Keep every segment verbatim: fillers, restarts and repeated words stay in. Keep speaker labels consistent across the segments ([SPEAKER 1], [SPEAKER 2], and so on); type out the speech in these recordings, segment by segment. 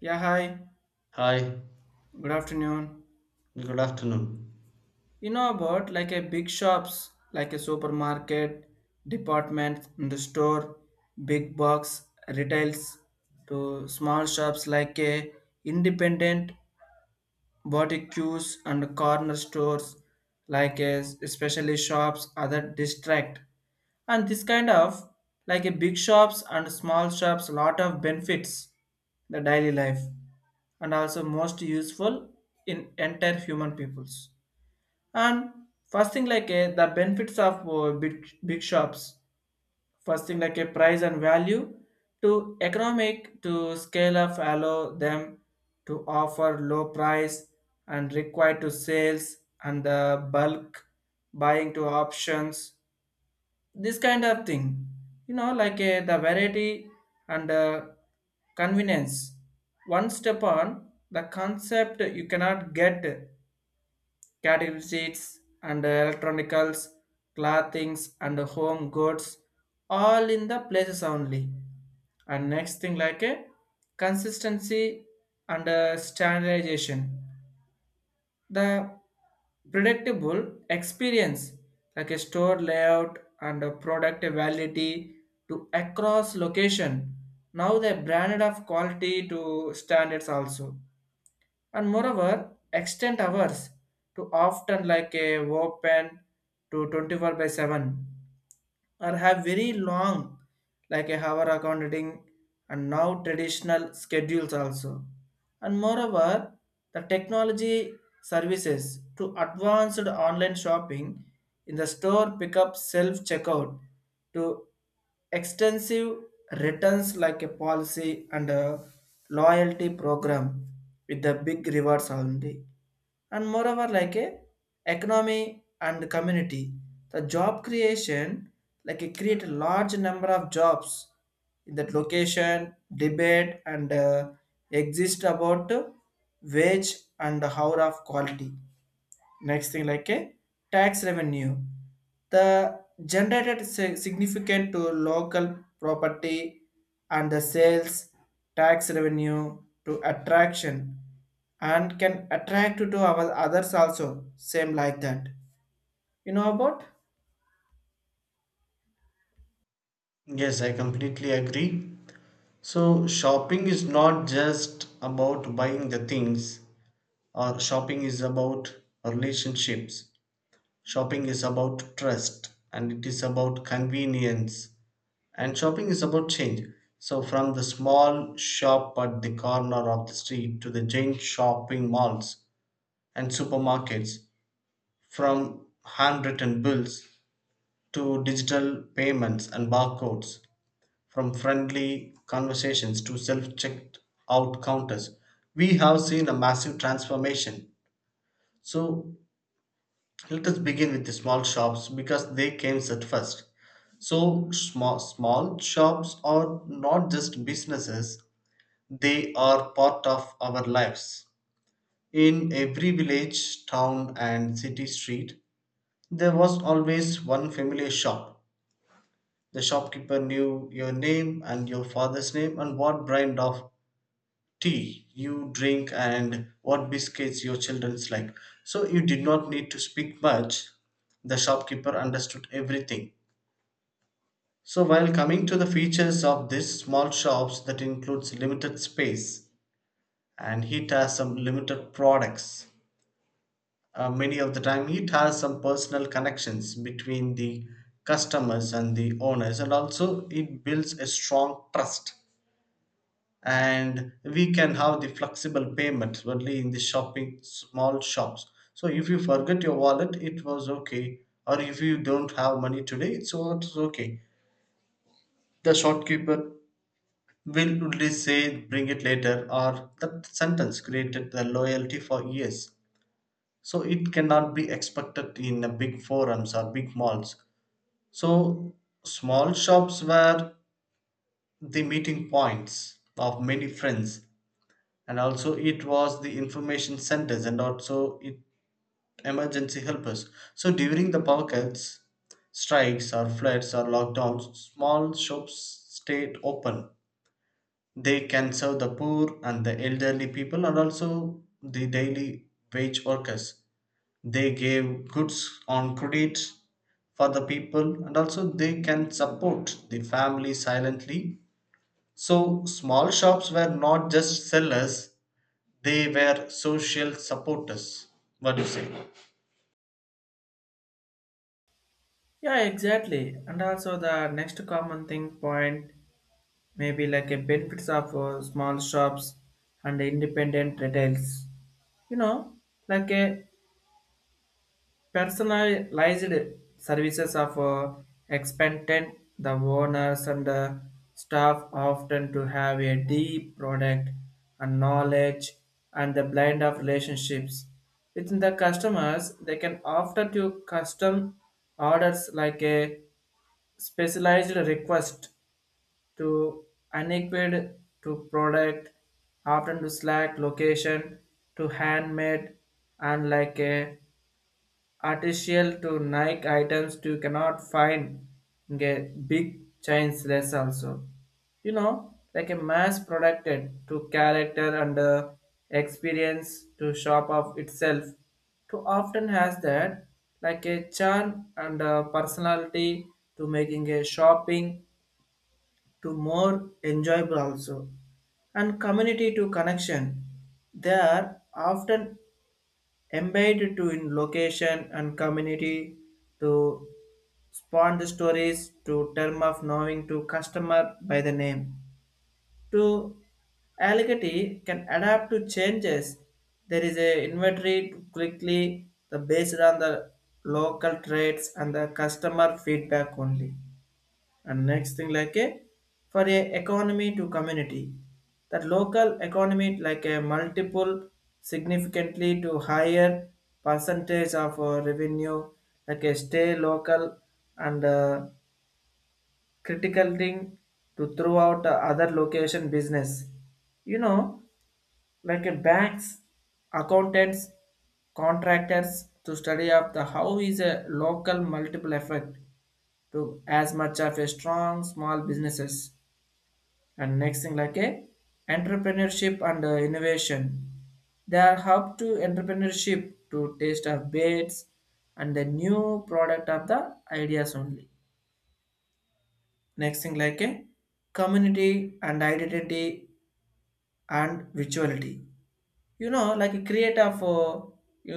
[SPEAKER 1] Yeah, hi.
[SPEAKER 2] Hi,
[SPEAKER 1] Good afternoon.
[SPEAKER 2] good afternoon.
[SPEAKER 1] You know about like a big shops, like a supermarket, department, and the store, big box retails, to small shops like a independent boutiques and corner stores, like a especially shops, other district, and this kind of like a big shops and small shops, lot of benefits the daily life and also most useful in entire human peoples. And first thing like a, the benefits of uh, big, big shops. First thing like a price and value to economic to scale up allow them to offer low price and required to sales and the bulk buying to options this kind of thing you know like uh, the variety and uh, convenience one step on the concept you cannot get category sheets and electronicals, clothings and home goods all in the places only. And next thing like a consistency and uh, standardization, the predictable experience like a store layout and a product validity to across location, now the branded of quality to standards also. And moreover extend hours to often like a open to twenty-four by seven or have very long like a hour accounting and now traditional schedules also. And moreover the technology services to advanced online shopping, in the store pickup self checkout, to extensive returns like a policy and a loyalty program with the big rewards only. And moreover like a economy and community, the job creation like it create a large number of jobs in that location debate and uh, exist about uh, wage and hour of quality. Next thing like a tax revenue, the generated si- significant to local property and the sales tax revenue to attraction and can attract to our others also same like that you know about.
[SPEAKER 2] Yes, I completely agree. So, shopping is not just about buying the things, or shopping is about relationships. Shopping is about trust, and it is about convenience, and shopping is about change. So, from the small shop at the corner of the street to the giant shopping malls and supermarkets, from handwritten bills to digital payments and barcodes, from friendly conversations to self checked out counters, we have seen a massive transformation. So, let us begin with the small shops because they came at first. So, small, small shops are not just businesses, they are part of our lives. In every village, town, and city street, there was always one familiar shop. The shopkeeper knew your name and your father's name and what brand of tea you drink and what biscuits your children's like. So you did not need to speak much. The shopkeeper understood everything. So while coming to the features of these small shops that includes limited space and it has some limited products. Uh, many of the time it has some personal connections between the customers and the owners, and also it builds a strong trust, and we can have the flexible payments only in the shopping small shops. So if you forget your wallet, it was okay, or if you don't have money today, it's, it's okay, the shopkeeper will only say bring it later, or that sentence created the loyalty for years. So it cannot be expected in a big forums or big malls. So small shops were the meeting points of many friends, and also it was the information centers, and also it emergency helpers. So during the power cuts, strikes or floods or lockdowns, small shops stayed open. They can serve the poor and the elderly people, and also the daily wage workers. They gave goods on credit for the people, and also they can support the family silently. So small shops were not just sellers, they were social supporters. What do you say?
[SPEAKER 1] Yeah exactly, and also the next common thing point maybe like a benefits of uh, small shops and independent retails, you know, like a Personalized services of uh, expectant the owners and the staff often to have a deep product and knowledge and the blend of relationships within the customers. They can often do custom orders like a specialized request to unequipped to product often to slack location to handmade and like a Artificial to Nike items to cannot find get big chains less also. You know, like a mass producted to character and uh, experience to shop of itself to often has that like a charm and a personality to making a shopping to more enjoyable also. And community to connection, they are often embedded to in location and community to spawn the stories to term of knowing to customer by the name to allegati can adapt to changes. There is a inventory to quickly the based on the local traits and the customer feedback only. And next thing like a for a economy to community, that local economy like a multiple significantly to higher percentage of uh, revenue like a stay local and uh, critical thing to throughout uh, other location business, you know, like a banks, accountants, contractors to study up the how is a local multiple effect to as much of a strong small businesses. And next thing like a entrepreneurship and uh, innovation, they are hub to entrepreneurship to taste of baits and the new product of the ideas only. Next thing like a community and identity and virtuality, you know, like a create of a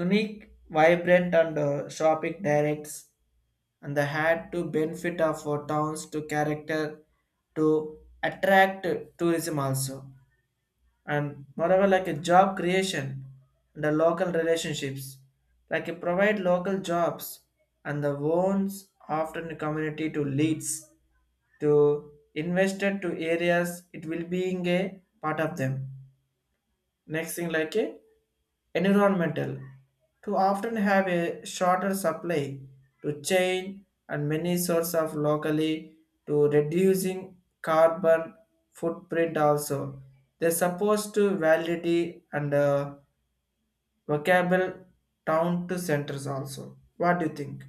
[SPEAKER 1] unique vibrant and uh, shopping directs and the had to benefit of uh, towns to character to attract tourism also. And moreover like a job creation and the local relationships, like it provide local jobs and the owns often the community to leads to invested to areas it will being a part of them. Next thing like a environmental to often have a shorter supply to chain and many sources of locally to reducing carbon footprint also. They supposed to validity and uh, vocable town to centers also. What do you think?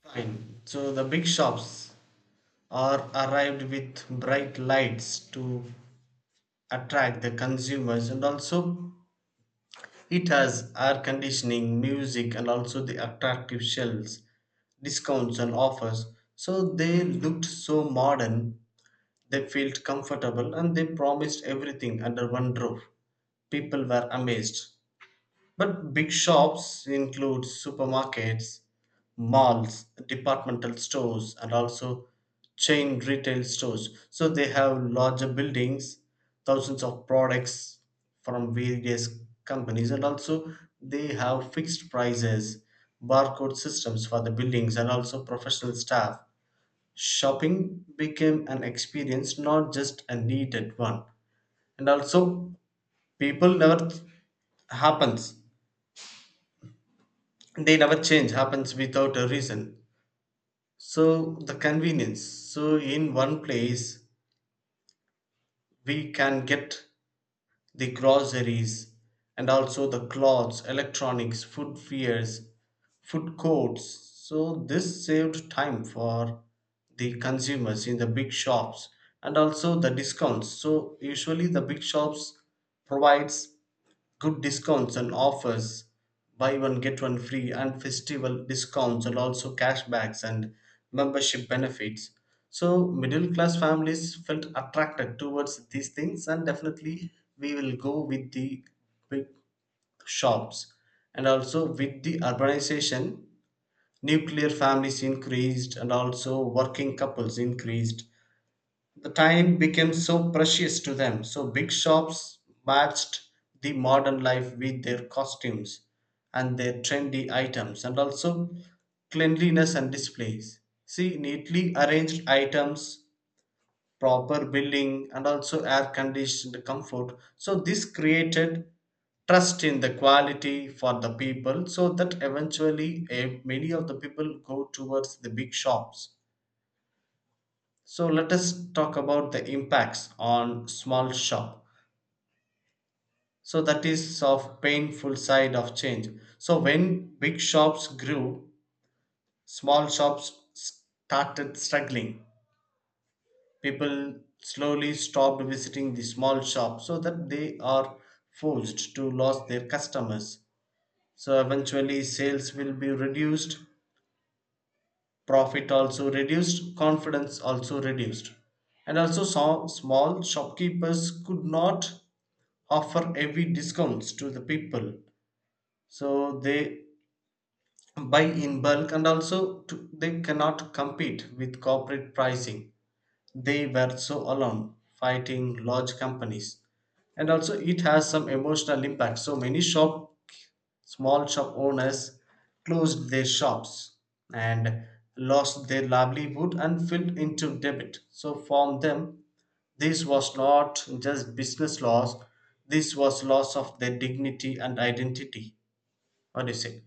[SPEAKER 2] Fine. So the big shops are arrived with bright lights to attract the consumers, and also it has air conditioning, music, and also the attractive shelves, discounts and offers. So they looked so modern, they felt comfortable, and they promised everything under one roof. People were amazed. But big shops include supermarkets, malls, departmental stores, and also chain retail stores. So they have larger buildings, thousands of products from various companies, and also they have fixed prices, barcode systems for the buildings, and also professional staff. Shopping became an experience, not just a needed one. And also, people never th- happens, they never change happens without a reason. So the convenience, so in one place we can get the groceries, and also the clothes, electronics, food fairs, food courts. So this saved time for the consumers in the big shops. And also the discounts, so usually the big shops provides good discounts and offers, buy one get one free and festival discounts, and also cashbacks and membership benefits. So middle class families felt attracted towards these things, and definitely we will go with the big shops. And also with the urbanization, nuclear families increased, and also working couples increased, the time became so precious to them, so big shops matched the modern life with their costumes and their trendy items, and also cleanliness and displays. See, neatly arranged items, proper billing, and also air conditioned comfort. So, this created trust in the quality for the people, so that eventually eh, many of the people go towards the big shops. So let us talk about the impacts on small shop. So that is of painful side of change. So when big shops grew, small shops started struggling. People slowly stopped visiting the small shop, so that they are forced to lose their customers. So eventually sales will be reduced, profit also reduced, confidence also reduced, and also some small shopkeepers could not offer heavy discounts to the people, so they buy in bulk, and also to, they cannot compete with corporate pricing. They were so alone fighting large companies, and also it has some emotional impact. So many shop small shop owners closed their shops and lost their livelihood and fell into debt, so from them this was not just business loss, this was loss of their dignity and identity. What do you say?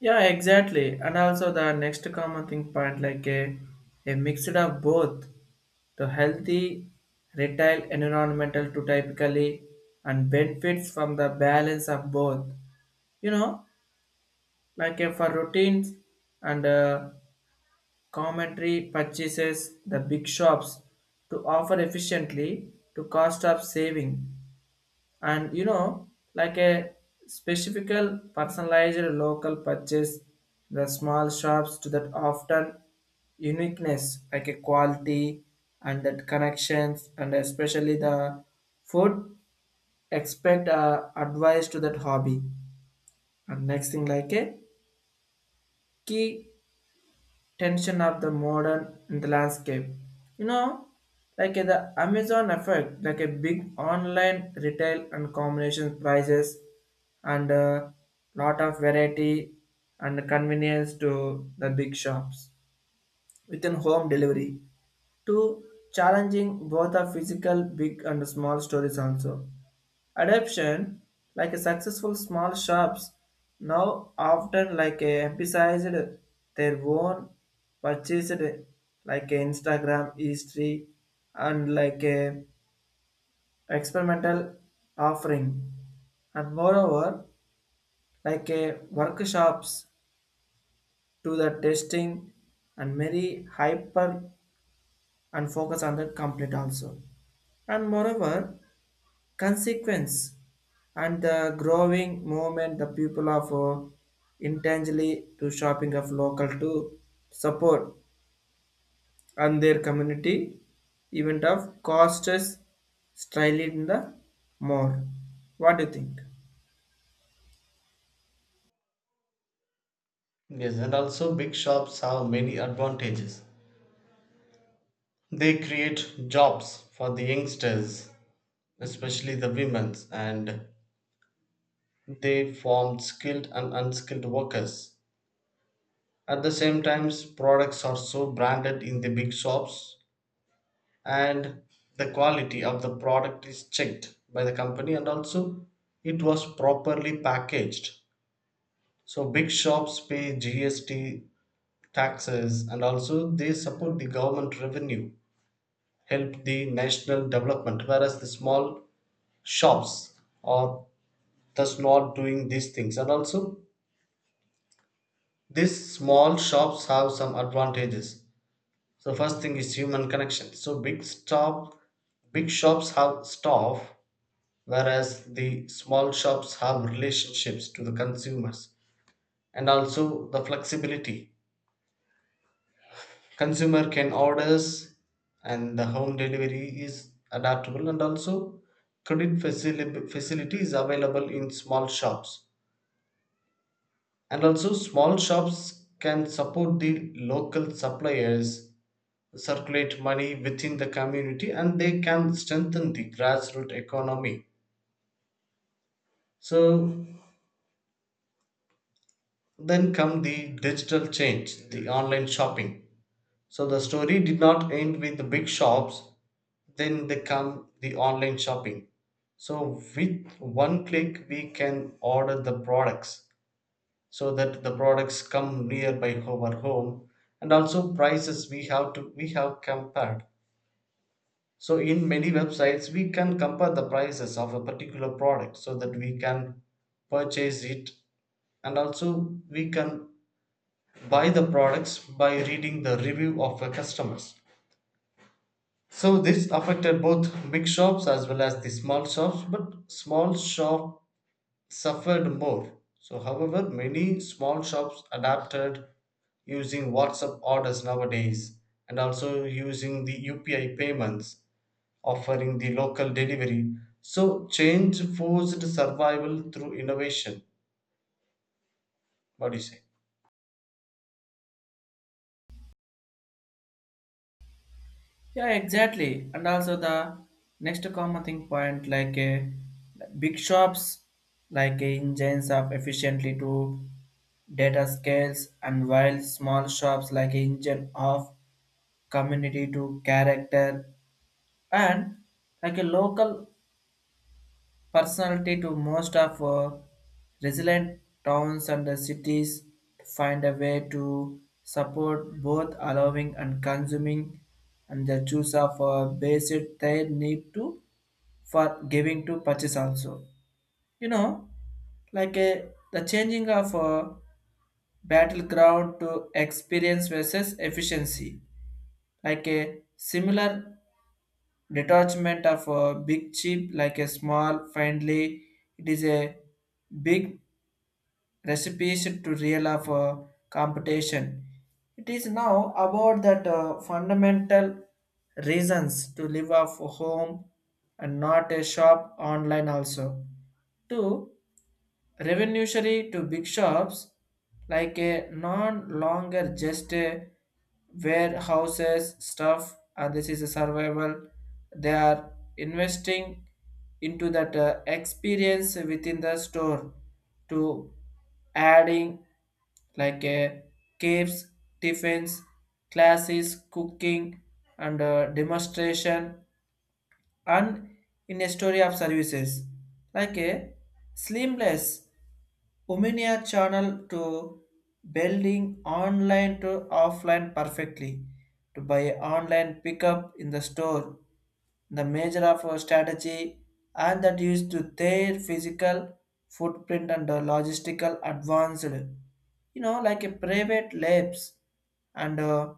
[SPEAKER 1] Yeah exactly, and also the next common thing point like a, a mixture of both. The healthy retail environment to typically and benefits from the balance of both. You know, like uh, for routines and uh, commentary purchases, the big shops to offer efficiently to cost of saving. And you know like a specific personalized local purchase, the small shops to that often uniqueness like a quality and that connections and especially the food expect uh, advice to that hobby. And next thing like a key tension of the modern in the landscape. You know, like uh, the Amazon effect, like a big online retail and combination prices and a lot of variety and convenience to the big shops within home delivery two challenging both the physical big and small stores also. Adoption, like a successful small shops, now often like a emphasized their own purchased like a Instagram history and like a experimental offering. And moreover, like a workshops to the testing and very hyper and focus on the complete also. And moreover, consequence and the growing movement the people of uh, intentionally to shopping of local to support and their community event of costs style in the more. What do you think?
[SPEAKER 2] Yes, and also big shops have many advantages. They create jobs for the youngsters, especially the women's, and they form skilled and unskilled workers. At the same time, products are so branded in the big shops, and the quality of the product is checked by the company, and also it was properly packaged. So big shops pay G S T taxes and also they support the government revenue, help the national development, whereas the small shops are thus not doing these things. And also these small shops have some advantages. So first thing is human connection. So big stop big shops have staff, whereas the small shops have relationships to the consumers, and also the flexibility, consumer can orders, and the home delivery is adaptable, and also credit facility, facility is available in small shops, and also small shops can support the local suppliers, circulate money within the community, and they can strengthen the grassroots economy. So then come the digital change, the online shopping. So the story did not end with the big shops, then they come the online shopping. So with one click we can order the products, so that the products come near by our home, and also prices we have to we have compared. So in many websites we can compare the prices of a particular product, so that we can purchase it, and also we can buy the products by reading the review of the customers. So this affected both big shops as well as the small shops, but small shop suffered more. So however, many small shops adapted using WhatsApp orders nowadays, and also using the U P I payments, offering the local delivery. So change forced survival through innovation. What do you say?
[SPEAKER 1] Yeah exactly, and also the next common thing point like a big shops like a engines of efficiently to data scales, and while small shops like a engine of community to character and like a local personality to most of uh, resilient towns and the cities to find a way to support both allowing and consuming and the choose of uh, basic they need to for giving to purchase also. You know like a, the changing of a battleground to experience versus efficiency like a similar detachment of a big chip like a small. Finally it is a big recipe to real of a competition. It is now about that uh, fundamental reasons to live off home and not a shop online also two revenuary to big shops like a non longer just a warehouses stuff, and this is a survival. They are investing into that uh, experience within the store to adding like a caves, tiffins, classes, cooking, and uh, demonstration and in a story of services like a seamless Omnia channel to building online to offline perfectly to buy online pickup in the store, the measure of our strategy and that used to their physical footprint and the logistical advanced. You know like a private labs and uh,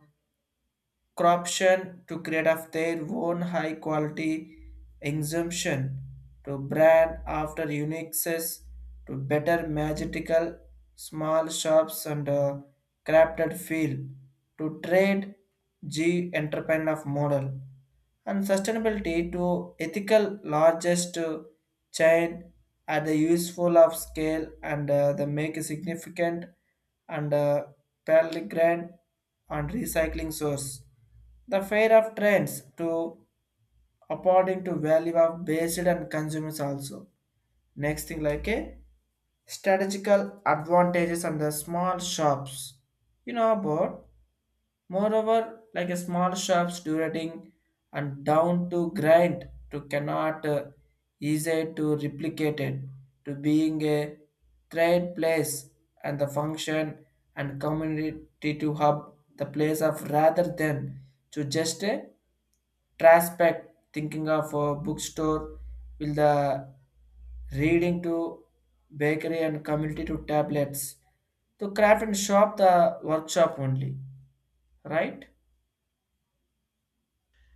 [SPEAKER 1] corruption to create of their own high quality exemption to brand after uniqueness to better magical small shops and uh, crafted field to trade G entrepreneur of model and sustainability to ethical largest uh, chain at the useful of scale and uh, they make a significant and uh, pellegrin and recycling source. The fair of trends to according to value of based and consumers also. Next thing like a strategical advantages and the small shops. You know about, moreover, like a small shops during and down to grind to cannot uh, easy to replicate it to being a trade place and the function and community to hub the place of rather than to just a prospect thinking of a bookstore will the reading to bakery and community to tablets to craft and shop the workshop only, right?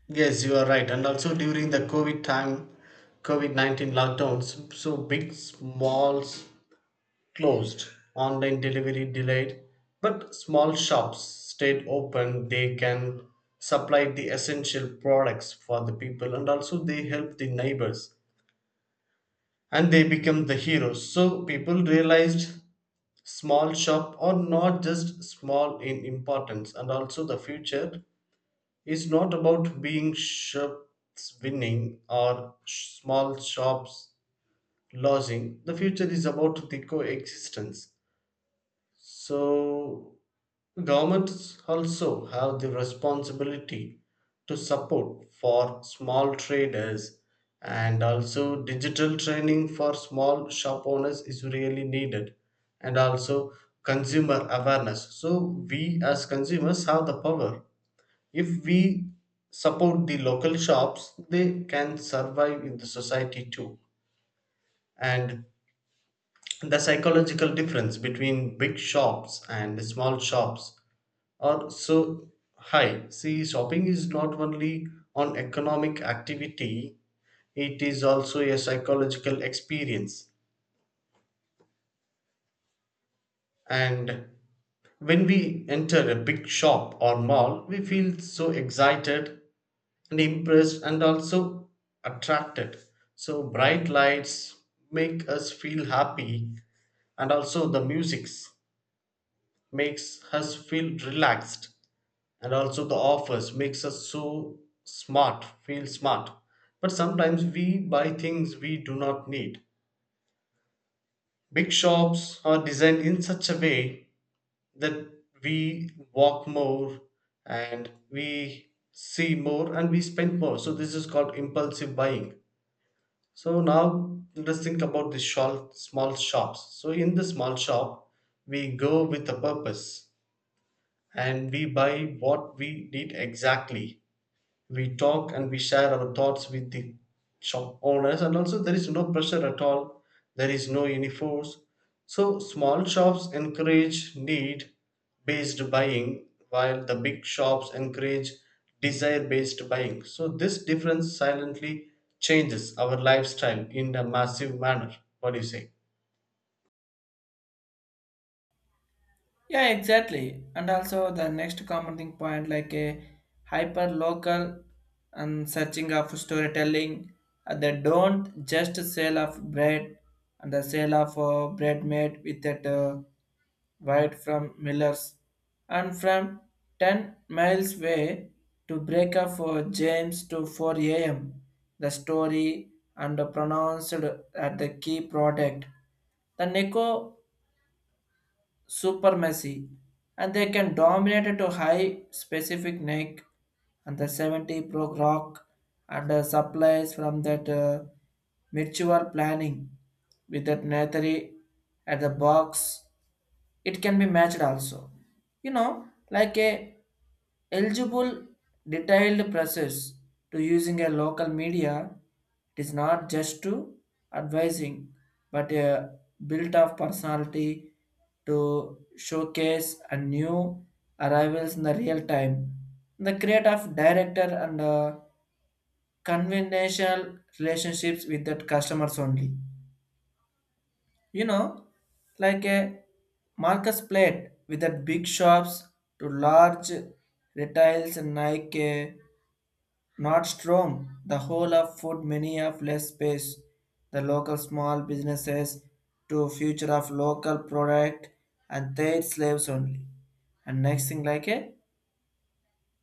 [SPEAKER 2] Yes, you are right. And also during the COVID time, COVID nineteen lockdowns, so big, small closed, online delivery delayed, but small shops stayed open. They can supply the essential products for the people, and also they help the neighbors, and they become the heroes. So people realized small shop are not just small in importance, and also the future is not about being shops winning or sh- small shops losing. The future is about the coexistence. So governments also have the responsibility to support for small traders, and also digital training for small shop owners is really needed, and also consumer awareness. So we as consumers have the power. If we support the local shops, they can survive in the society too. And the psychological difference between big shops and small shops or so, hi. See, shopping is not only an economic activity, it is also a psychological experience. And when we enter a big shop or mall, we feel so excited and impressed and also attracted. So, bright lights make us feel happy, and also the music makes us feel relaxed, and also the offers makes us so smart feel smart. But sometimes we buy things we do not need. Big shops are designed in such a way that we walk more, and we see more, and we spend more. So this is called impulsive buying. So now let us think about the shol- small shops. So in the small shop we go with a purpose, and we buy what we need exactly. We talk and we share our thoughts with the shop owners, and also there is no pressure at all, there is no any force. So small shops encourage need based buying, while the big shops encourage desire based buying. So this difference silently changes our lifestyle in a massive manner. What do you say?
[SPEAKER 1] Yeah, exactly. And also the next common thing point like a hyper local and searching of storytelling. Uh, they don't just sale of bread and the sale of uh, bread made with that uh, wide from Miller's and from ten miles away to break up for James to four a m. The story and pronounced at the key product. The Nico super messy, and they can dominate it to high specific neck and the seventy pro rock and uh, supplies from that uh, mutual planning with that natari at the box it can be matched also. You know like a eligible detailed process to using a local media, it is not just to advising but a built of personality to showcase a new arrivals in the real time, the create of director and uh, conventional relationships with that customers only. You know, like a Marcus plate with that big shops to large retails and Nike, Nordstrom, the whole of food many of less space, the local small businesses to future of local product and their slaves only. And next thing like a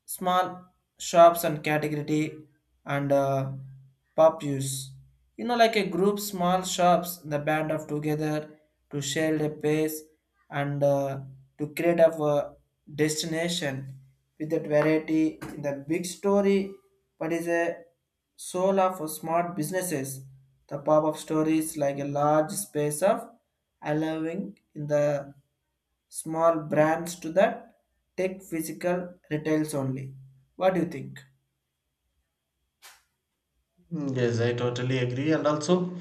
[SPEAKER 1] small shops and category and uh, pop use. You know, like a group, small shops, the band of together to share the pace and uh, to create a uh, destination with that variety in the big story, but is a soul of smart businesses. The pop-up stories like a large space of allowing in the small brands to that tech physical retails only. What do you think?
[SPEAKER 2] Hmm. Yes, I totally agree. And also,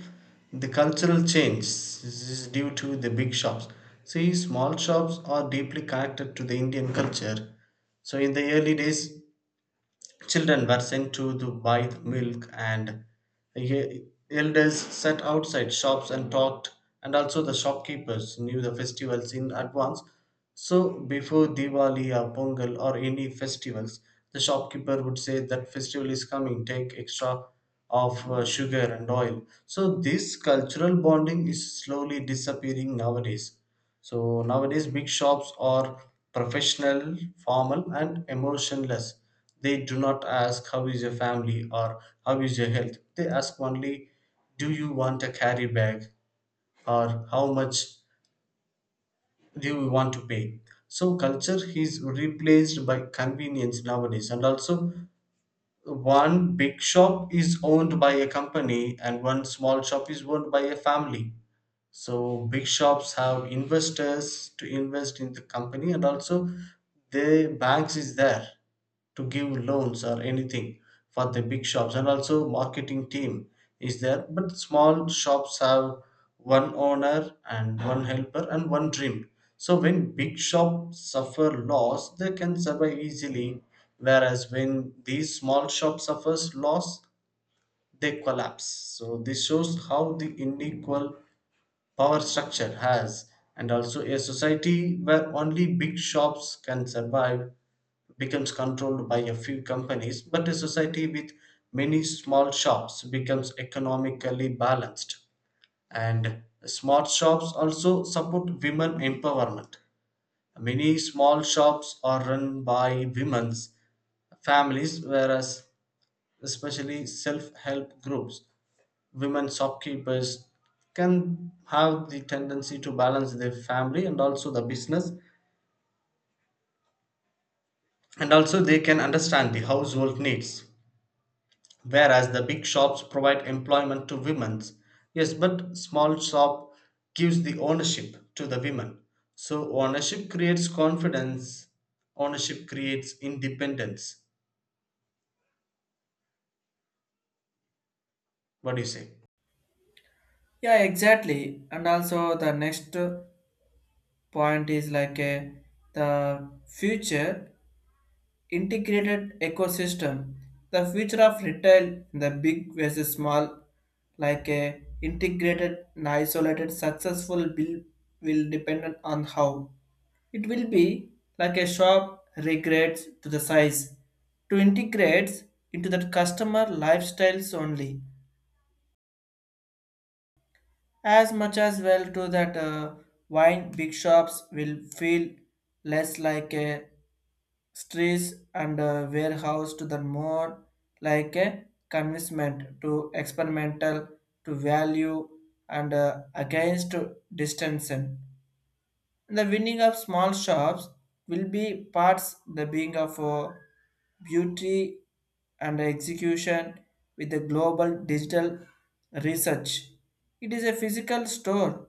[SPEAKER 2] the cultural change is due to the big shops. See, small shops are deeply connected to the Indian culture. So, in the early days, children were sent to the buy the milk, and e- elders sat outside shops and talked. And also, the shopkeepers knew the festivals in advance. So, before Diwali or Pongal or any festivals, the shopkeeper would say that festival is coming, take extra of uh, sugar and oil. So, this cultural bonding is slowly disappearing nowadays. So nowadays, big shops are professional, formal, and emotionless. They do not ask how is your family or how is your health. They ask only, do you want a carry bag or how much do you want to pay? So culture is replaced by convenience nowadays, and also one big shop is owned by a company and one small shop is owned by a family. So big shops have investors to invest in the company, and also the banks is there to give loans or anything for the big shops, and also marketing team is there. But small shops have one owner and one helper and one dream. So when big shops suffer loss, they can survive easily. Whereas when these small shops suffers loss, they collapse. So this shows how the unequal power structure has, and also a society where only big shops can survive becomes controlled by a few companies, but a society with many small shops becomes economically balanced. And smart shops also support women empowerment. Many small shops are run by women's families, whereas especially self-help groups, women shopkeepers can have the tendency to balance their family and also the business, and also they can understand the household needs. Whereas the big shops provide employment to women, yes, but small shop gives the ownership to the women. So ownership creates confidence, ownership creates independence. What do you say?
[SPEAKER 1] Yeah, exactly. And also the next point is like a, the future integrated ecosystem. The future of retail, the big versus small, like a integrated and isolated successful bill will depend on how it will be like a shop regrets to the size, to integrates into that customer lifestyles only, as much as well to that uh, wine big shops will feel less like a streets and uh, warehouse to the more like a convincement to experimental to value and uh, against distance. And the winning of small shops will be parts the being of uh, beauty and execution with the global digital research. It is a physical store.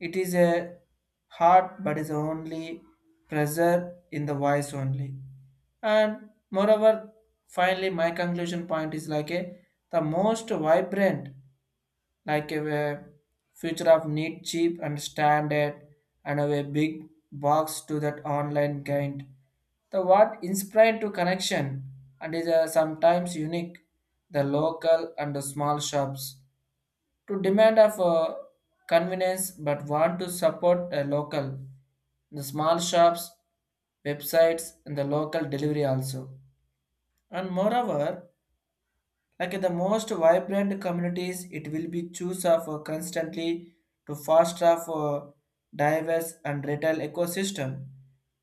[SPEAKER 1] It is a heart, but is only pressure in the voice only. And moreover, finally, my conclusion point is like a the most vibrant like a, a future of neat, cheap, and standard, and of a big box to that online kind. The what inspired to connection and is uh, sometimes unique. The local and the small shops to demand of uh, convenience, but want to support the local. The small shops, websites, and the local delivery also. And moreover, like the most vibrant communities, it will be choose of uh, constantly to foster of uh, diverse and retail ecosystem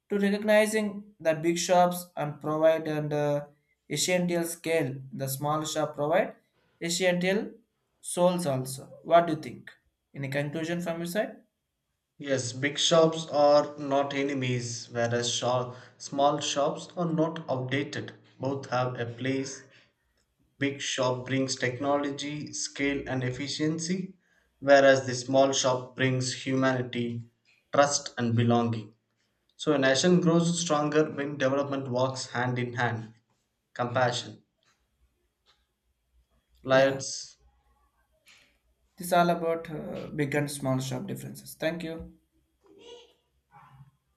[SPEAKER 1] to recognizing the big shops and provide and uh, essential scale. The small shop provide essential souls also. What do you think? Any conclusion from your side?
[SPEAKER 2] Yes, big shops are not enemies, whereas sho- small shops are not outdated. Both have a place. Big shop brings technology, scale, and efficiency, whereas the small shop brings humanity, trust, and belonging. So a nation grows stronger when development walks hand in hand. Compassion.
[SPEAKER 1] Yeah,
[SPEAKER 2] Let's
[SPEAKER 1] this all about uh, big and small shop differences. Thank you.